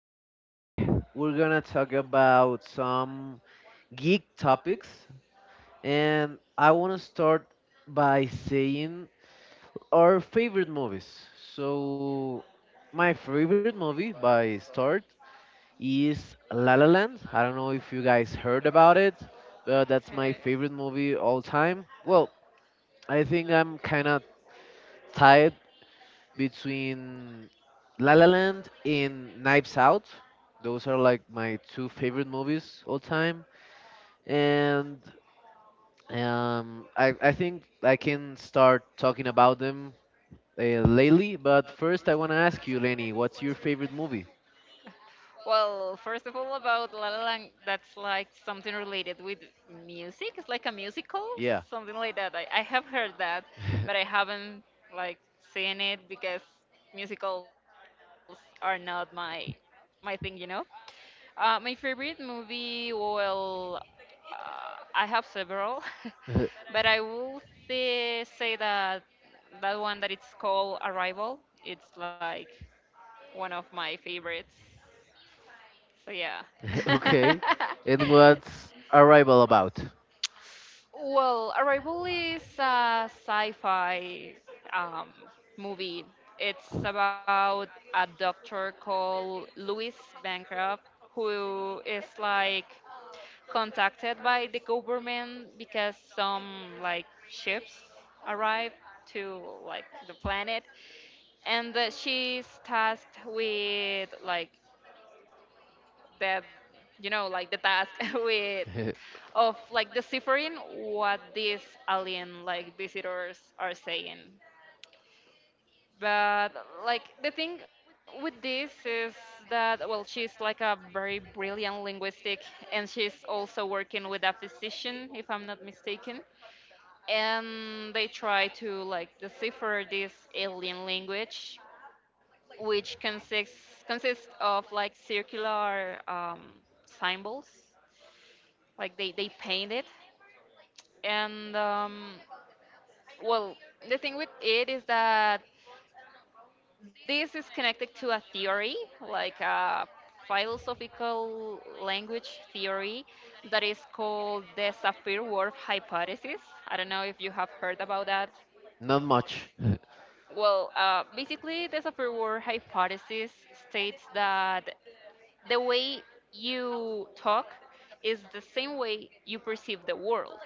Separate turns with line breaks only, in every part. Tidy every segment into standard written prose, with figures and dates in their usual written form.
today we're gonna talk about some geek topics, and I wanna start by saying our favorite movies. So, my favorite movie by start is La La Land. I don't know if you guys heard about it, but that's my
Okay.
favorite movie all time. Well, I think I'm kinda tired between La La Land and Knives Out. Those are like my two favorite movies all time, and I think I can start talking about them lately. But first, I want to ask you, Lenny, what's your favorite movie?
Well, first of all, about La La Land, that's like something related with music. It's like a musical,
Yeah.
something like that. I have heard that, but I haven't like seen it because musicals are not my thing, you know. My favorite movie, well, I have several, but I will say that that one that it's called Arrival. It's like one of my favorites. So yeah.
Okay.
It
And
was
what's Arrival about?
Well, Arrival is a sci-fi um, movie. It's about a doctor called Louis Bancroft who is like contacted by the government because some like ships arrive to like the planet, and that she's tasked with like that, you know, like the task with of like deciphering what these alien like visitors are saying. But like the thing with this is that, well, she's like a very brilliant linguistic, and she's also working with a physician if I'm not mistaken, and they try to like decipher this alien language, which consists of like circular symbols, like they paint it. And well, the thing with it is that this is connected to a theory, like a philosophical language theory that is called the Sapir-Whorf hypothesis. I don't know if you have heard about that.
Not much.
Well, basically the Sapir-Whorf hypothesis states that the way you talk is the same way you perceive the world.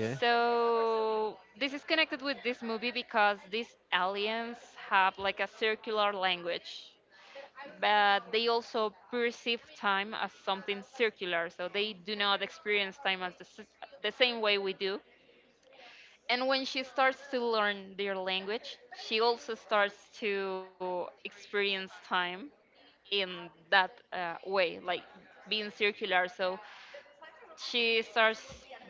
Okay.
So this is connected with this movie because these aliens have like a circular language, but they also perceive time as something circular, so they do not experience time as the same way we do. And when she starts to learn their language, she also starts to experience time in that way, like being circular. So she starts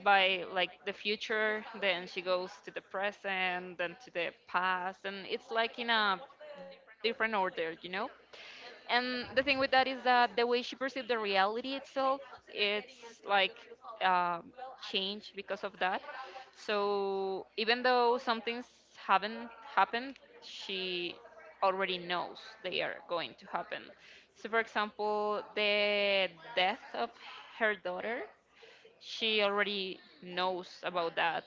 by like the future, then she goes to the present, then to the past, and it's like in a different order, you know? And the thing with that is that the way she perceived the reality itself, it's like um changed because of that. So even though some things haven't happened, she already knows they are going to happen. So, for example, the death of her daughter, she already knows about that,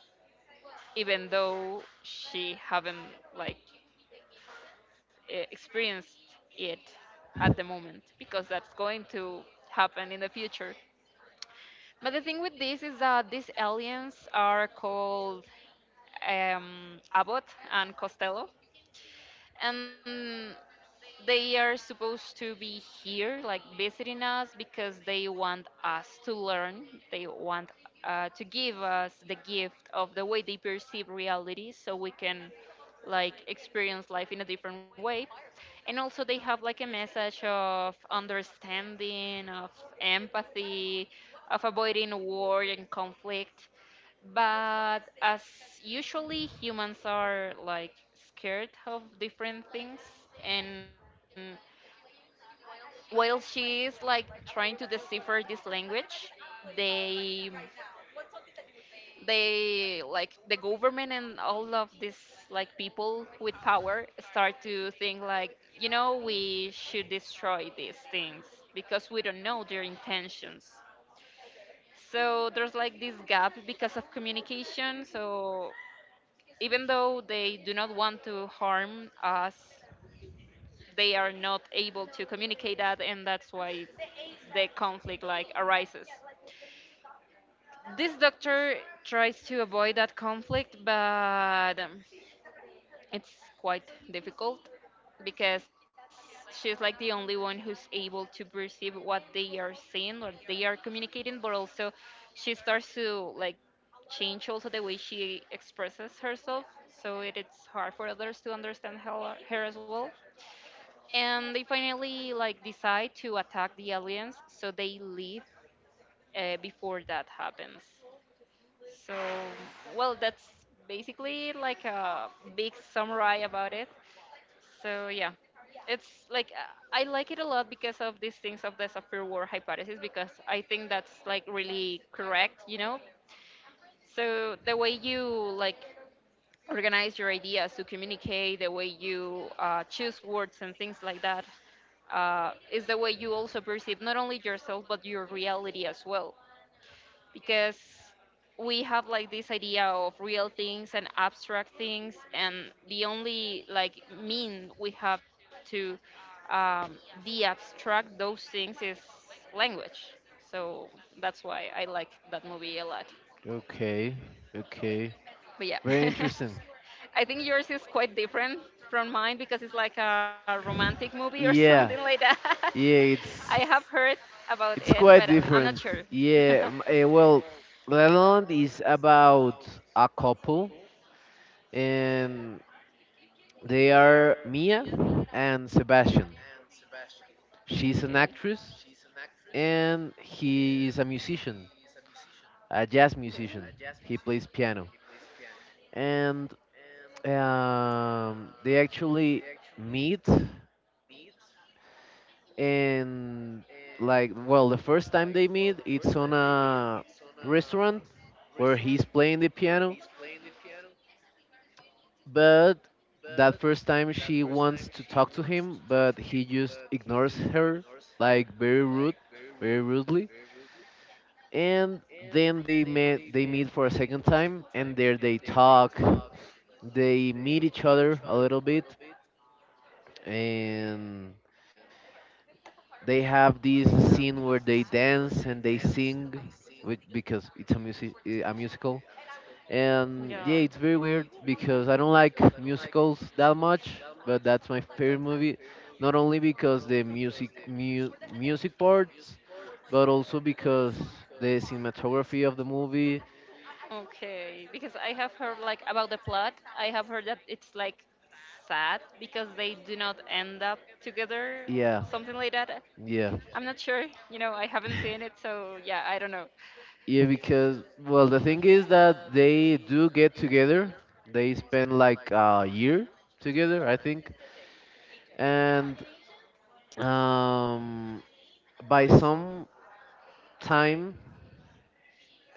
even though she haven't like experienced it at the moment because that's going to happen in the future. But the thing with this is that these aliens are called Abbott and Costello, and they are supposed to be here, like visiting us, because they want us to learn. They want to give us the gift of the way they perceive reality, so we can like experience life in a different way. And also, they have like a message of understanding, of empathy, of avoiding war and conflict. But as usually, humans are like scared of different things, and while she is like trying to decipher this language, they they, like the government and all of these like people with power, start to think like, you know, we should destroy these things because we don't know their intentions. So there's like this gap because of communication, so even though they do not want to harm us, they are not able to communicate that, and that's why the conflict like arises. This doctor tries to avoid that conflict, but it's quite difficult because she's like the only one who's able to perceive what they are saying, what they are communicating. But also she starts to like change also the way she expresses herself, so it's hard for others to understand her as well, and they finally like decide to attack the aliens, so they leave before that happens. So, well, that's basically like a big summary about it. So yeah, it's like I like it a lot because of these things of the software war hypothesis, because I think that's like really correct, you know. So the way you like organize your ideas to communicate, the way you choose words and things like that, is the way you also perceive not only yourself but your reality as well, because we have like this idea of real things and abstract things, and the only like mean we have to um, de-abstract those things is language. So that's why I like that movie a lot.
So, okay. Okay.
But yeah,
Very interesting.
I think yours is quite different from mine because it's like a romantic movie or something like
Yeah.
that.
Yeah,
I have
it's
heard about it,
it's
but
quite
I'm not sure.
different.
Okay.
Yeah, well, La La Land is about a couple, and they are Mia and Sebastian. She's an actress, and he is a musician,
Okay.
a jazz musician. He plays piano, and they actually meet and, like, well, the first time they meet, it's on a restaurant where he's playing the piano, but that first time she wants to talk to him, but he just ignores her, like, very rudely. And then they meet for a second time, and there they talk, they meet each other a little bit, and they have this scene where they dance and they sing, which, because it's a musical.
Yeah.
And, yeah, it's very weird because I don't like musicals that much, but that's my favorite movie, not only because the music parts, but also because the cinematography of the movie.
Okay. Because I have heard like about the plot. I have heard that it's like sad because they do not end up together,
Yeah.
something like that.
Yeah,
I'm not sure. You know, I haven't seen it, so yeah, I don't know.
yeah, because, well, the thing is that they do get together. They spend like a year together, I think, and um, by some time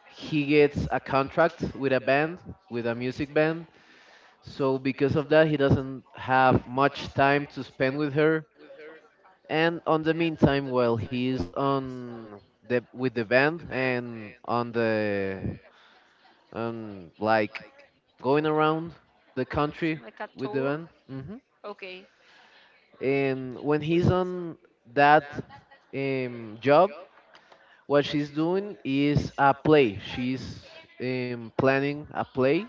he gets a contract with a band, with a music band. So because of that, he doesn't have much time to spend with her. And on the meantime, well, he's on the with the band, and on the, like, going around the country
Like a
with the
tour.
van. Hmm.
Okay.
And when he's on that, job, what she's doing is a play. She's planning a play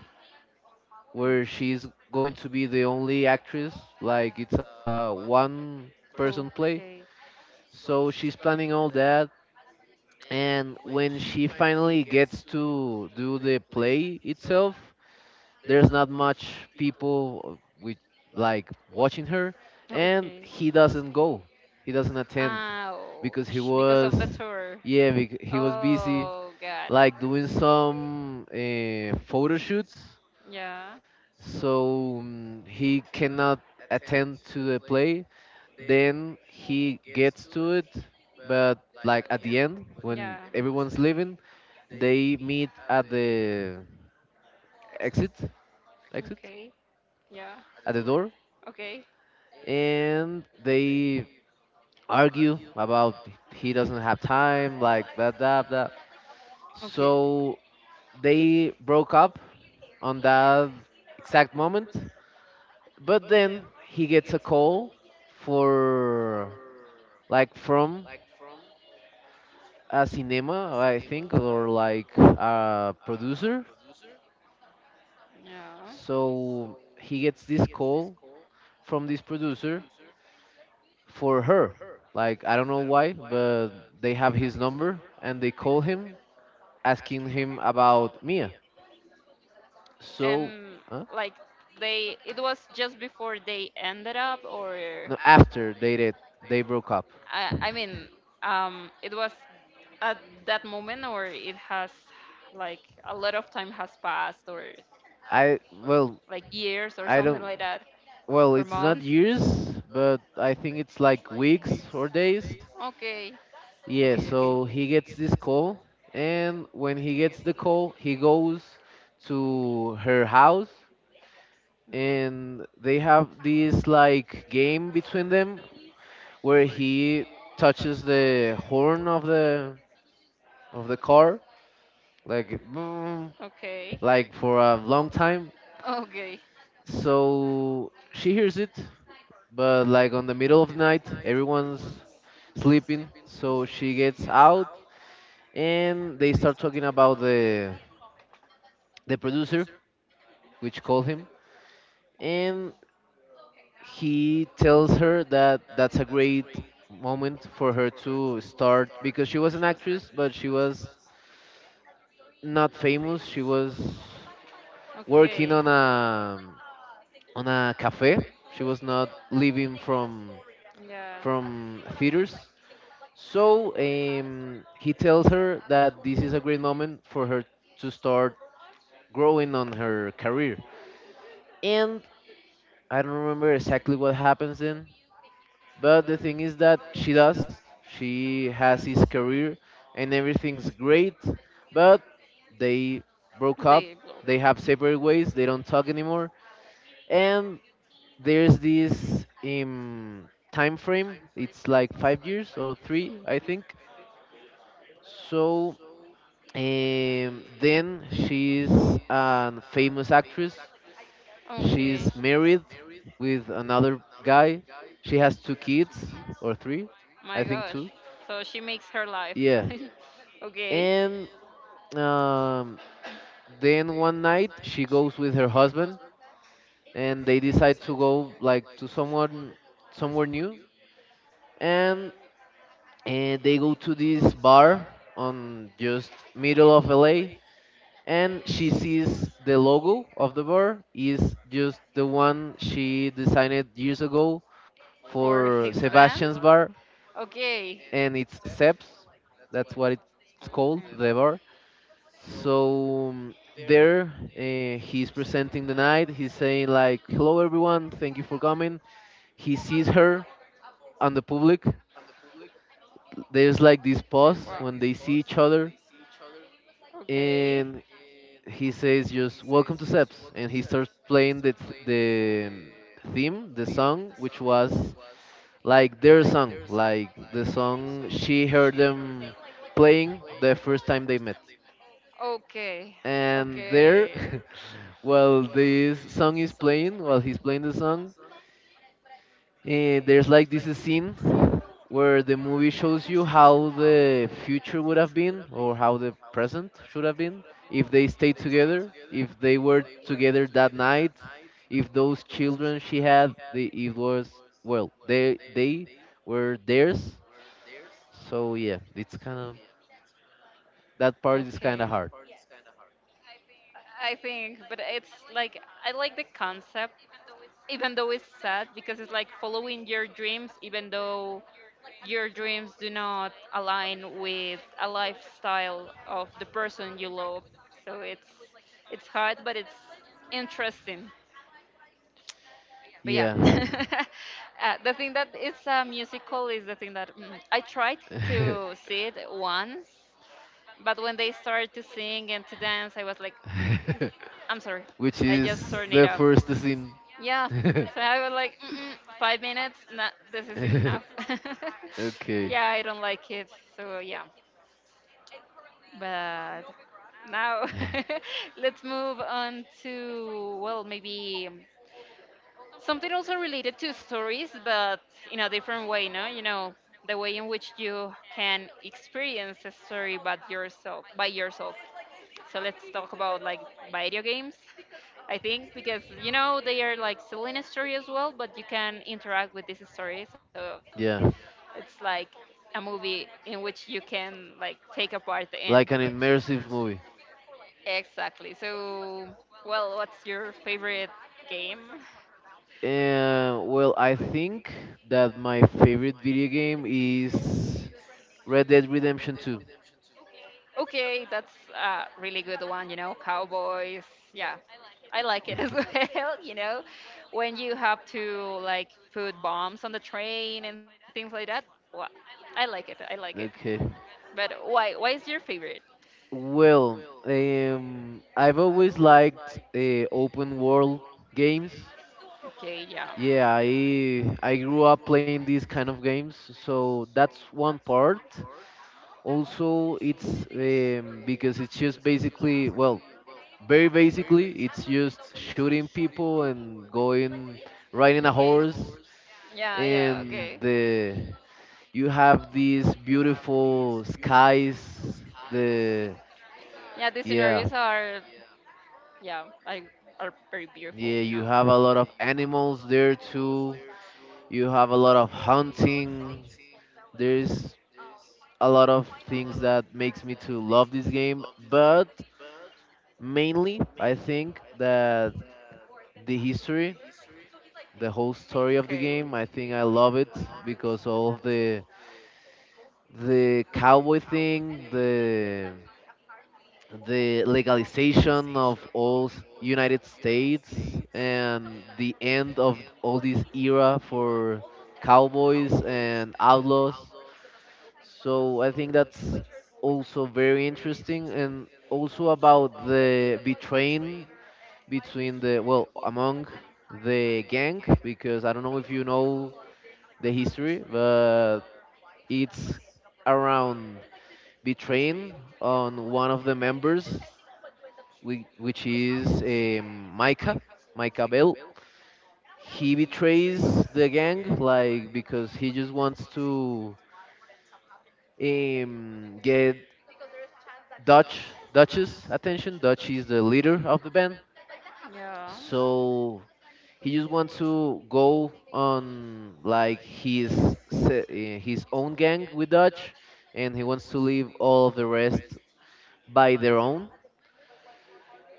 where
Okay.
she's going to be the only actress. Like, it's a one person play.
Okay.
So she's planning all that. And when she finally gets to do the play itself, there's not much people, with, like, watching her, and
Okay. He
he doesn't go, he doesn't attend, because he
Ouch. Because of
was,
the tour.
yeah,
Yeah.
he was busy,
Oh, God.
like, doing some photo shoots,
Yeah.
so, he cannot attend to the play. Then he gets to it, but, like, at the end
Yeah.
when everyone's leaving, they meet at the exit exit,
Okay. Yeah.
at the door,
Okay.
and they argue about he doesn't have time, like that, that, that.
Okay.
So they broke up on that exact moment, but then he gets a call for, like, from a cinema, I think, or like a producer.
Yeah.
So he gets this call from this producer for her. Like, I don't know why, but they have his number and they call him asking him about Mia.
So,
So,
and
huh?
like, they, it was just before they ended up, or
No, after they did, they broke up.
I mean, it was at that moment, or it has like a lot of time has passed, or
I, well,
like years, or
I
something
don't.
like that,
Well,
or
it's not
months.
years, but I think it's like weeks or days.
Okay, okay,
Yeah. So he gets this call, and when he gets the call, he goes to her house, and they have this like game between them where he touches the horn of the car, like,
okay,
for a long time.
so okay,
So she hears it, but, like, on the middle of the night, everyone's sleeping. So she gets out and they start talking about the producer, which called him, and he tells her that that's a great moment for her to start because she was an actress, but she was not famous. She was
okay, okay,
working on a cafe. She was not living from
yeah,
theaters. So, he tells her that this is a great moment for her to start growing on her career. And I don't remember exactly what happens then, but the thing is that she does. She has his career, and everything's great, but they
okay,
broke
okay,
up.
yeah, they
They
broke.
have separate ways. They don't talk anymore. And there's this, time frame. It's like 5 years or 3, I think. So, and then she's a famous actress.
Okay.
She's married with another guy. She has two kids or three,
My
I
gosh.
think two.
So she makes her life.
Yeah.
Okay.
And, um, then one night she goes with her husband, and they decide to go, like, to someone somewhere new, and they go to this bar on just middle of LA, and she sees the logo of the bar is just the one she designed years ago
For
for
his band?
Sebastian's bar,
Okay.
and it's SEPS. That's what it's called,
Okay.
the bar. So, there, he's presenting the night, he's saying like, "Hello, everyone, thank you for coming." He sees her on the public. There's
Wow.
like this pause when they see each other,
Okay.
and he says just, "Welcome to Seps," and he starts playing the the theme, the song, which was like their song, like the song she heard them playing the first time they met.
Okay.
And
Okay.
there, while this song is playing, while he's playing the song, there's like this scene where the movie shows you how the future would have been or how the present should have been, if they stayed together, if they were together that night, if those children she had, it was, well, they were theirs. So, yeah, it's kind of
Okay.
that part is kind of hard.
I think, but it's like, I like the concept, even though it's sad, because it's like following your dreams, even though your dreams do not align with a lifestyle of the person you love. So it's hard, but it's interesting. But yeah,
Yeah.
the thing that it's a musical is the thing that I tried to see it once, but when they started to sing and to dance, I was like, I'm sorry.
Which
I just
is
turned it
the
off.
first scene.
Yeah. So I was like, Mm-mm, 5 minutes. Nah, this is enough.
Okay.
Yeah, I don't like it. So yeah. But now let's move on to, well, maybe something also related to stories, but in a different way. No, you know the way in which you can experience a story but yourself by yourself. So let's talk about like video games. I think because, you know, they are like telling a story as well, but you can interact with this story. So
Yeah.
it's like a movie in which you can like take a part in.
Like an immersive movie.
Exactly. So, well, what's your favorite game?
Well, I think that my favorite video game is Red Dead Redemption 2.
Okay, that's a really good one, you know, cowboys. Yeah, I like it as well, you know, when you have to like put bombs on the train and things like that. Well, I like it. I like it.
Okay.
But why is your favorite?
Well, I've always liked open world games.
Okay, yeah.
Yeah, I grew up playing these kind of games, so that's one part. Also, it's, because it's just basically, well, very basically, it's just shooting people and going, riding
Okay.
a horse,
Yeah, yeah, okay.
and the you have these beautiful skies.
Yeah,
The
the scenarios are,
Yeah,
yeah, I are very beautiful, you know.
yeah, you have a lot of animals there too, you have a lot of hunting, there's a lot of things that makes me to love this game, but mainly I think that the history, the whole
Okay.
story of the game, I think I love it because all of the cowboy thing, the legalization of all United States and the end of all this era for cowboys and outlaws. So I think that's also very interesting, and also about the betraying between the well among the gang, because I don't know if you know the history, but it's around betraying on one of the members, which is, Micah, Micah Bell. He betrays the gang, like, because he just wants to, get Dutch Dutch's attention. Dutch is the leader of the band,
Yeah.
so he just wants to go on, like, his his own gang with Dutch, and he wants to leave all of the rest by their own.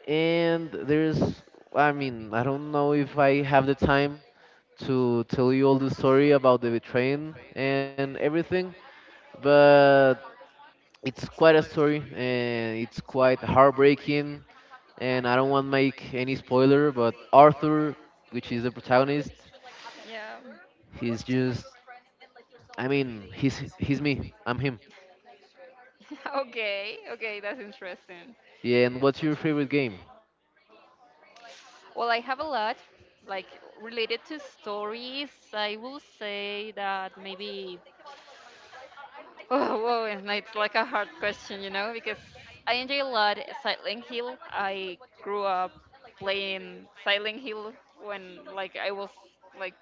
And there's, I mean, I don't know if I have the time to tell you all the story about the betraying and everything, but it's quite a story and it's quite heartbreaking. And I don't want to make any spoiler, but Arthur, which is the protagonist,
Yeah.
he's just, I mean, he's me. I'm him.
Okay, okay, that's interesting.
Yeah. And what's your favorite game?
Well, I have a lot, like related to stories, I will say that maybe. Oh, whoa, and it's like a hard question, you know, because I enjoy a lot Silent Hill. I grew up playing Silent Hill when like I was like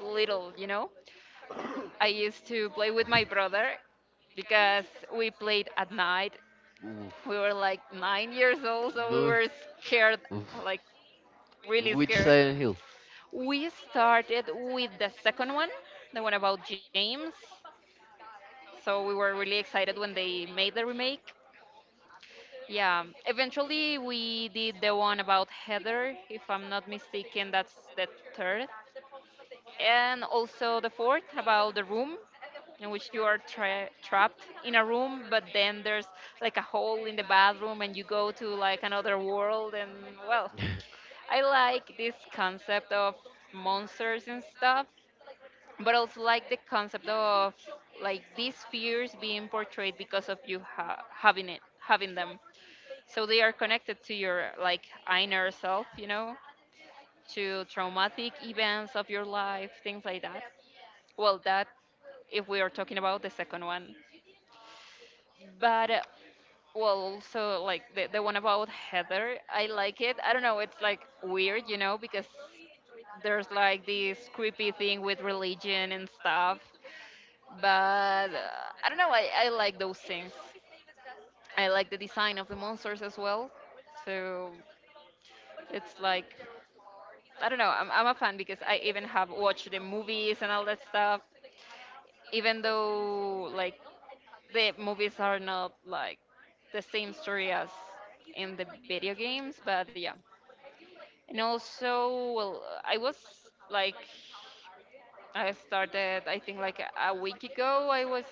little, you know. I used to play with my brother because we played at night.
Oof.
We were like 9 years old, so we
No.
were scared,
Oof.
like
And
really
which
scared.
Silent Hill?
We started with the second one, the one about James. So we were really excited when they made the remake. Yeah, eventually we did the one about Heather, if I'm not mistaken, that's the third. And also the fourth about the room in which you are trapped in a room, but then there's like a hole in the bathroom and you go to like another world. And well, I like this concept of monsters and stuff, but also like the concept of like these fears being portrayed because of you having it, having them. So they are connected to your like inner self, you know, to traumatic events of your life, things like that. Well, that if we are talking about the second one. But, well, also like the one about Heather, I like it. I don't know, it's like weird, you know, because there's like this creepy thing with religion and stuff. But I don't know, I like those things. I like the design of the monsters as well. So it's like, I don't know, I'm a fan because I even have watched the movies and all that stuff. Even though like the movies are not like the same story as in the video games, but yeah. And also, well, I was like, I started, I think, like a week ago, I was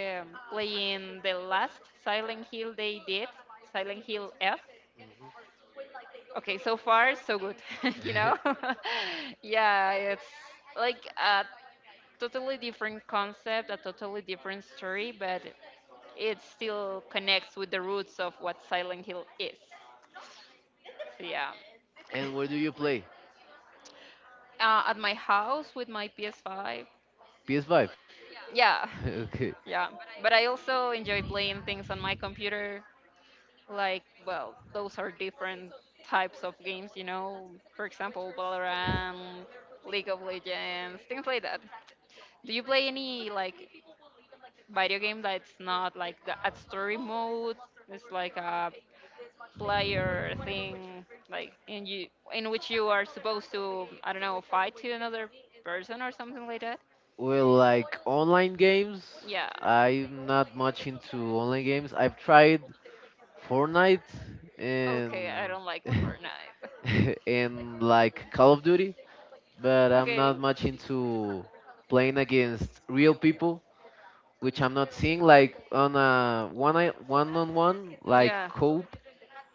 playing the last Silent Hill they did, Silent Hill F.
Mhm.
Okay, so far, so good, you know? Yeah, it's like a totally different concept, a totally different story, but it still connects with the roots of what Silent Hill is. So, yeah.
And where do you play?
At my house with my PS5.
PS5.
Yeah,
Okay.
yeah, but I also enjoy playing things on my computer. Like, well, those are different types of games. For example, Valorant, League of Legends, things like that. Do you play any like video game that's not like the at story mode? It's like a player thing, like in which you are supposed to, I don't know, fight to another person or something like that.
Well, like, online games,
Yeah.
yeah. I'm not much into online games. I've tried Fortnite, yeah,
Okay,
and
I don't like Fortnite.
and, like, Call of Duty, but I'm
Okay.
not much into playing against real people, which I'm not seeing, like, on a one on one, like,
Yeah.
cope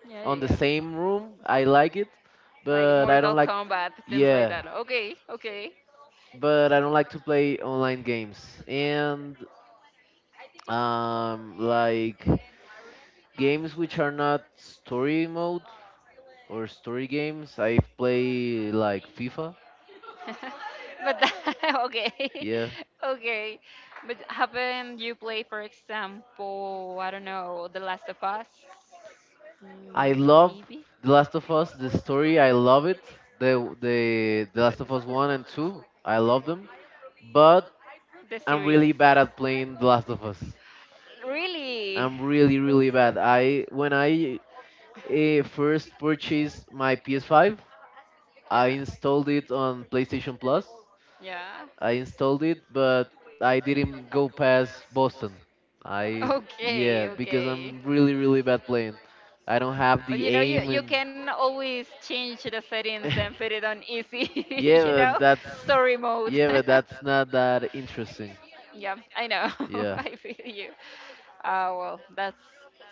Yeah,
on the
yeah, yeah.
same room. I like it,
Like
but I
Mortal
don't
like
like,
Kombat, things like
yeah,
that. Okay, okay.
but I don't like to play online games and, like, games which are not story mode or story games. I play like FIFA.
Okay,
Yeah,
okay. But haven't you played, for example, I don't know, The Last of Us?
I love
Maybe
The Last of Us. The story, I love it. The The Last of Us one and two, I love them. But I'm
series.
really bad at playing The Last of Us.
Really?
I'm really really bad. I When I, first purchased my PS5, I installed it
I
on PlayStation Plus,
Yeah.
but I didn't go past Boston. I Yeah,
Okay,
because
okay.
I'm really really bad playing. I don't have
But
the
you know, you,
aim,
you
and
can always change the settings and put it on easy,
yeah,
you know,
but that's
story mode.
yeah, but that's not that interesting.
yeah, I know.
Yeah,
I feel you. Ah, well, that's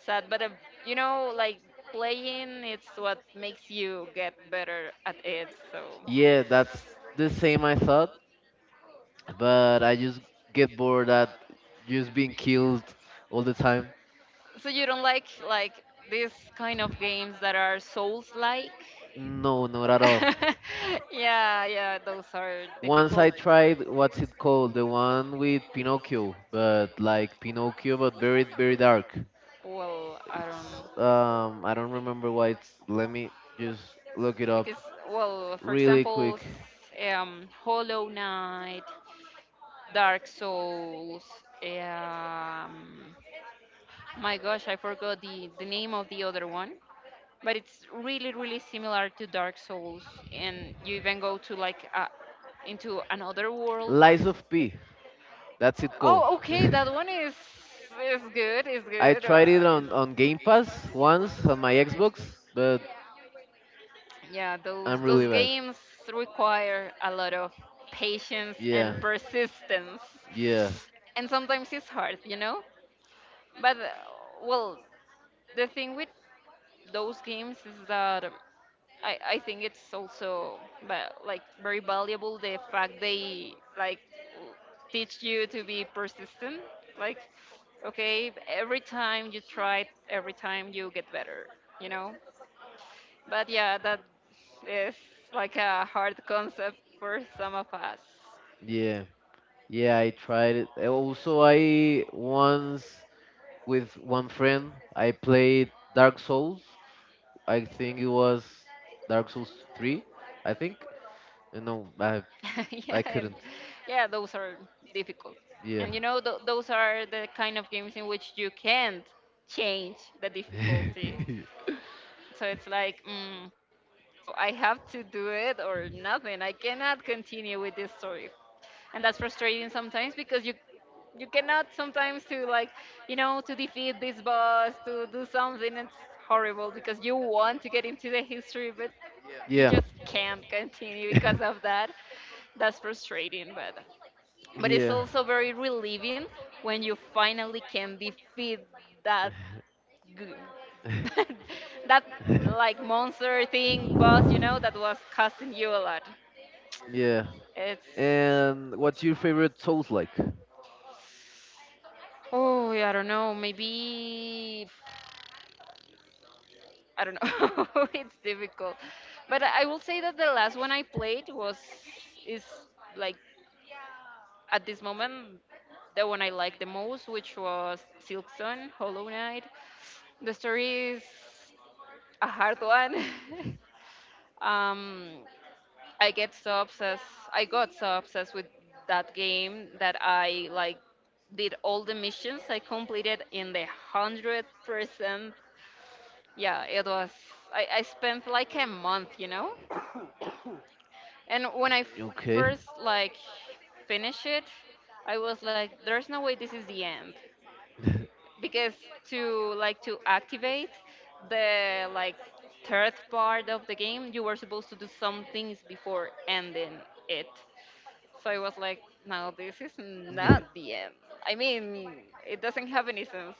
sad. But, like playing, it's what makes you get better at it. So,
yeah, that's the same I thought, but I just get bored at just being killed all the time.
so you don't like these kind of games that are souls like?
No, not at all.
Yeah, yeah, those are
Once I
difficult.
tried, what's it called? The one with Pinocchio, but like Pinocchio, but very, very dark.
Well, I don't
It's,
know.
I don't remember let me just look it up
Because well, for
really
example,
quick.
Hollow Knight, Dark Souls, um my gosh, I forgot the name of the other one. But it's really really similar to Dark Souls, and you even go to like into another world.
Lies of P, that's it called.
Oh, okay, that one is good, is
I
good.
tried it on, Game Pass once on my Xbox, but
Yeah, those
I'm
those
really bad.
games require a lot of patience and
Yeah,
persistence,
yeah,
and sometimes it's hard. But well, the thing with those games is that I think it's also like very valuable, the fact they like teach you to be persistent. Like, okay, every time you try, every time you get better, you know but yeah, that is like a hard concept for some of us.
yeah, yeah, I tried it. Also I once with one friend, I played Dark Souls. I think it was Dark Souls 3, I think. And no,
Yeah,
I
and
couldn't.
yeah, those are difficult.
Yeah.
And those are the kind of games in which you can't change the difficulty, so it's like so I have to do it or nothing. I cannot continue with this story. And that's frustrating sometimes because you cannot sometimes to like, to defeat this boss, to do something. It's horrible because you want to get into the history, but
Yeah.
you just can't continue because of that. That's frustrating, but
Yeah.
it's also very relieving when you finally can defeat that goo- that like monster thing boss, that was costing you a lot.
Yeah.
It's
And what's your favorite sauce like?
oh, I don't know, maybe I don't know. It's difficult, but I will say that the last one I played was is, like, at this moment, the one I liked the most, which was Silkstone Hollow Knight. The story is a hard one. um, I get so obsessed. I got so obsessed with that game that I like did all the missions. I completed in the 100%. Yeah, it was. I spent like a month. And when I
Okay.
first like finished it, I was like, "There's no way this is the end," because to like to activate the like third part of the game, you were supposed to do some things before ending it. So I was like, no, this is not the end. I mean, it doesn't have any sense.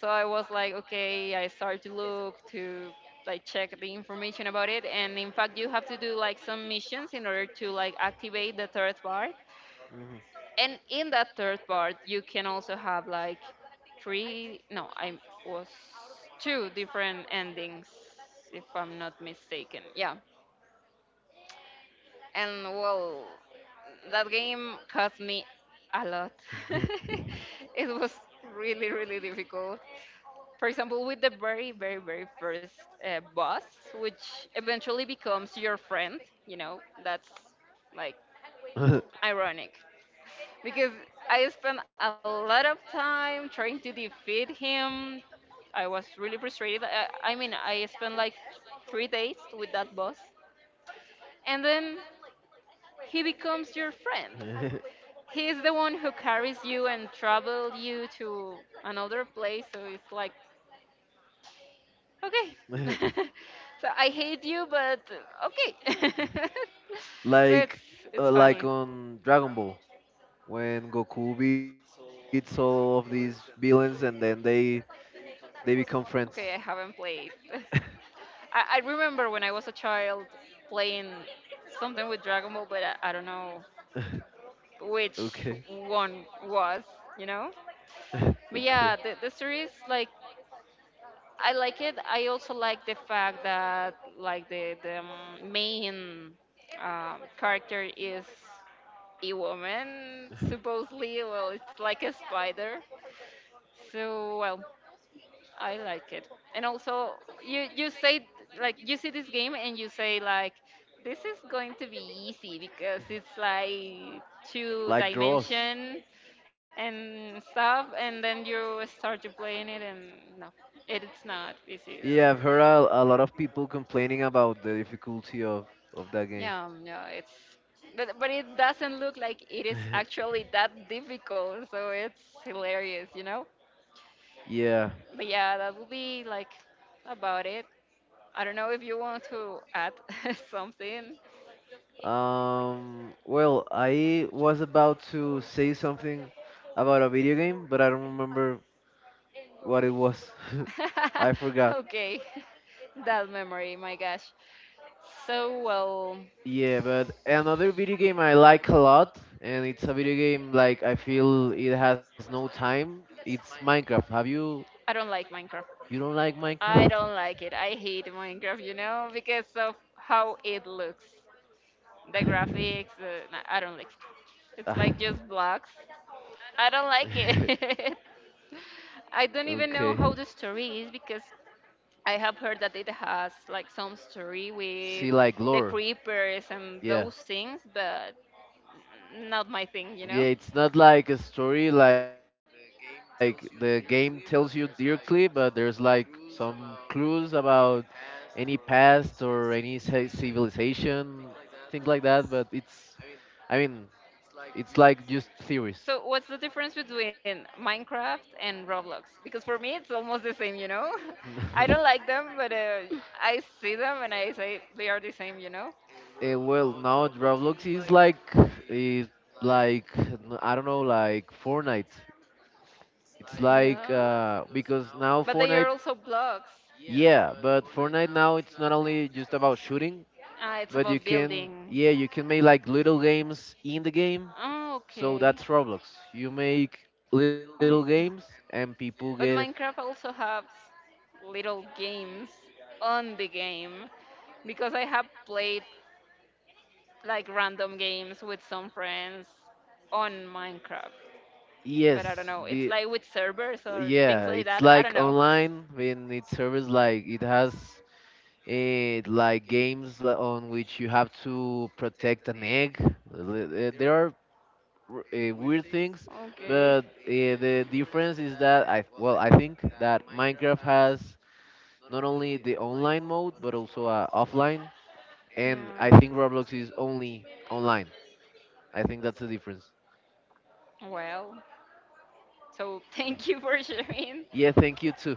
So I was like, okay, I started to look to like check the information about it. And in fact, you have to do like some missions in order to like activate the third part. And in that third part, you can also have like three, no, I was two different endings, if I'm not mistaken. Yeah. And well, that game cost me a lot. It was really, really difficult. For example, with the very, very, very first boss, which eventually becomes your friend. That's like ironic because I spent a lot of time trying to defeat him. I was really frustrated. I mean, I spent like 3 days with that boss, and then he becomes your
Mhm.
friend. He's the one who carries you and travel you to another place. So it's like, okay. So I hate you, but okay. So
Like,
it's it's
like,
funny.
on Dragon Ball, when Goku beats all of these villains and then they become friends.
Okay, I haven't played. I remember when I was a child playing something with Dragon Ball, but I don't know
Okay,
which one was, you know?
okay.
But yeah, the series, like, I like it. I also like the fact that like the main character is a woman, supposedly. Well, it's like a spider. So, well, I like it. And also, you say like you see this game and you say like this is going to be easy because it's like two
Like draws.
dimension and stuff, and then you start to playing it and no, it's not
Yeah, I've
easy.
heard a lot of people complaining about the difficulty of that game.
Yeah, no, it's but it doesn't look like it is actually that difficult, so it's hilarious.
Yeah.
But yeah, that will be like about it. I don't know if you want to add something.
Well, I was about to say something about a video game, but I don't remember what it was. I forgot.
Okay, that memory, my gosh. So, well,
Yeah, but another video game I like a lot, and it's a video game like I feel it has no time. It's Minecraft. Have you?
I don't like Minecraft.
You don't like
I don't
Minecraft?
like it. I hate Minecraft, because of how it looks. The graphics, nah, I don't like it. It's
Ah.
like just blocks. I don't like it. I don't even
Okay.
know how the story is because I have heard that it has like some story with
See, like,
the
lore.
creepers and
Yeah.
those things, but not my thing, you
Yeah,
know.
it's not like a story like the game tells you directly, but there's like some clues about any past or any civilization, things like that. But it's, I mean, it's like just theories.
So what's the difference
So.
between Minecraft and Roblox? Because for me it's almost the same. I don't like them, but I see them and I say they are the same.
Well, now Roblox is, like, is I don't know, like Fortnite. It's, like,
Yeah.
because now
But
Fortnite,
they are also blocks.
yeah, but Fortnite now it's not only just about shooting,
Ah, it's
but you
about
can
building.
yeah, you can make like little games in the game.
Oh, so
So
okay.
that's Roblox. You make
Okay.
little
and
games, and people
But
get,
Minecraft also have little games on the game because I have played like random games with some friends on Minecraft
yes,
like
be,
with servers,
yeah, it's like online when it serves, like, it has it like games, on which you have to protect an egg. There are weird things,
but
but, the difference is that I, well, I think that Minecraft has not only the online mode but also, offline, and I think Roblox is only online. I think that's the difference.
Well, so thank you for sharing.
Yeah, thank you too.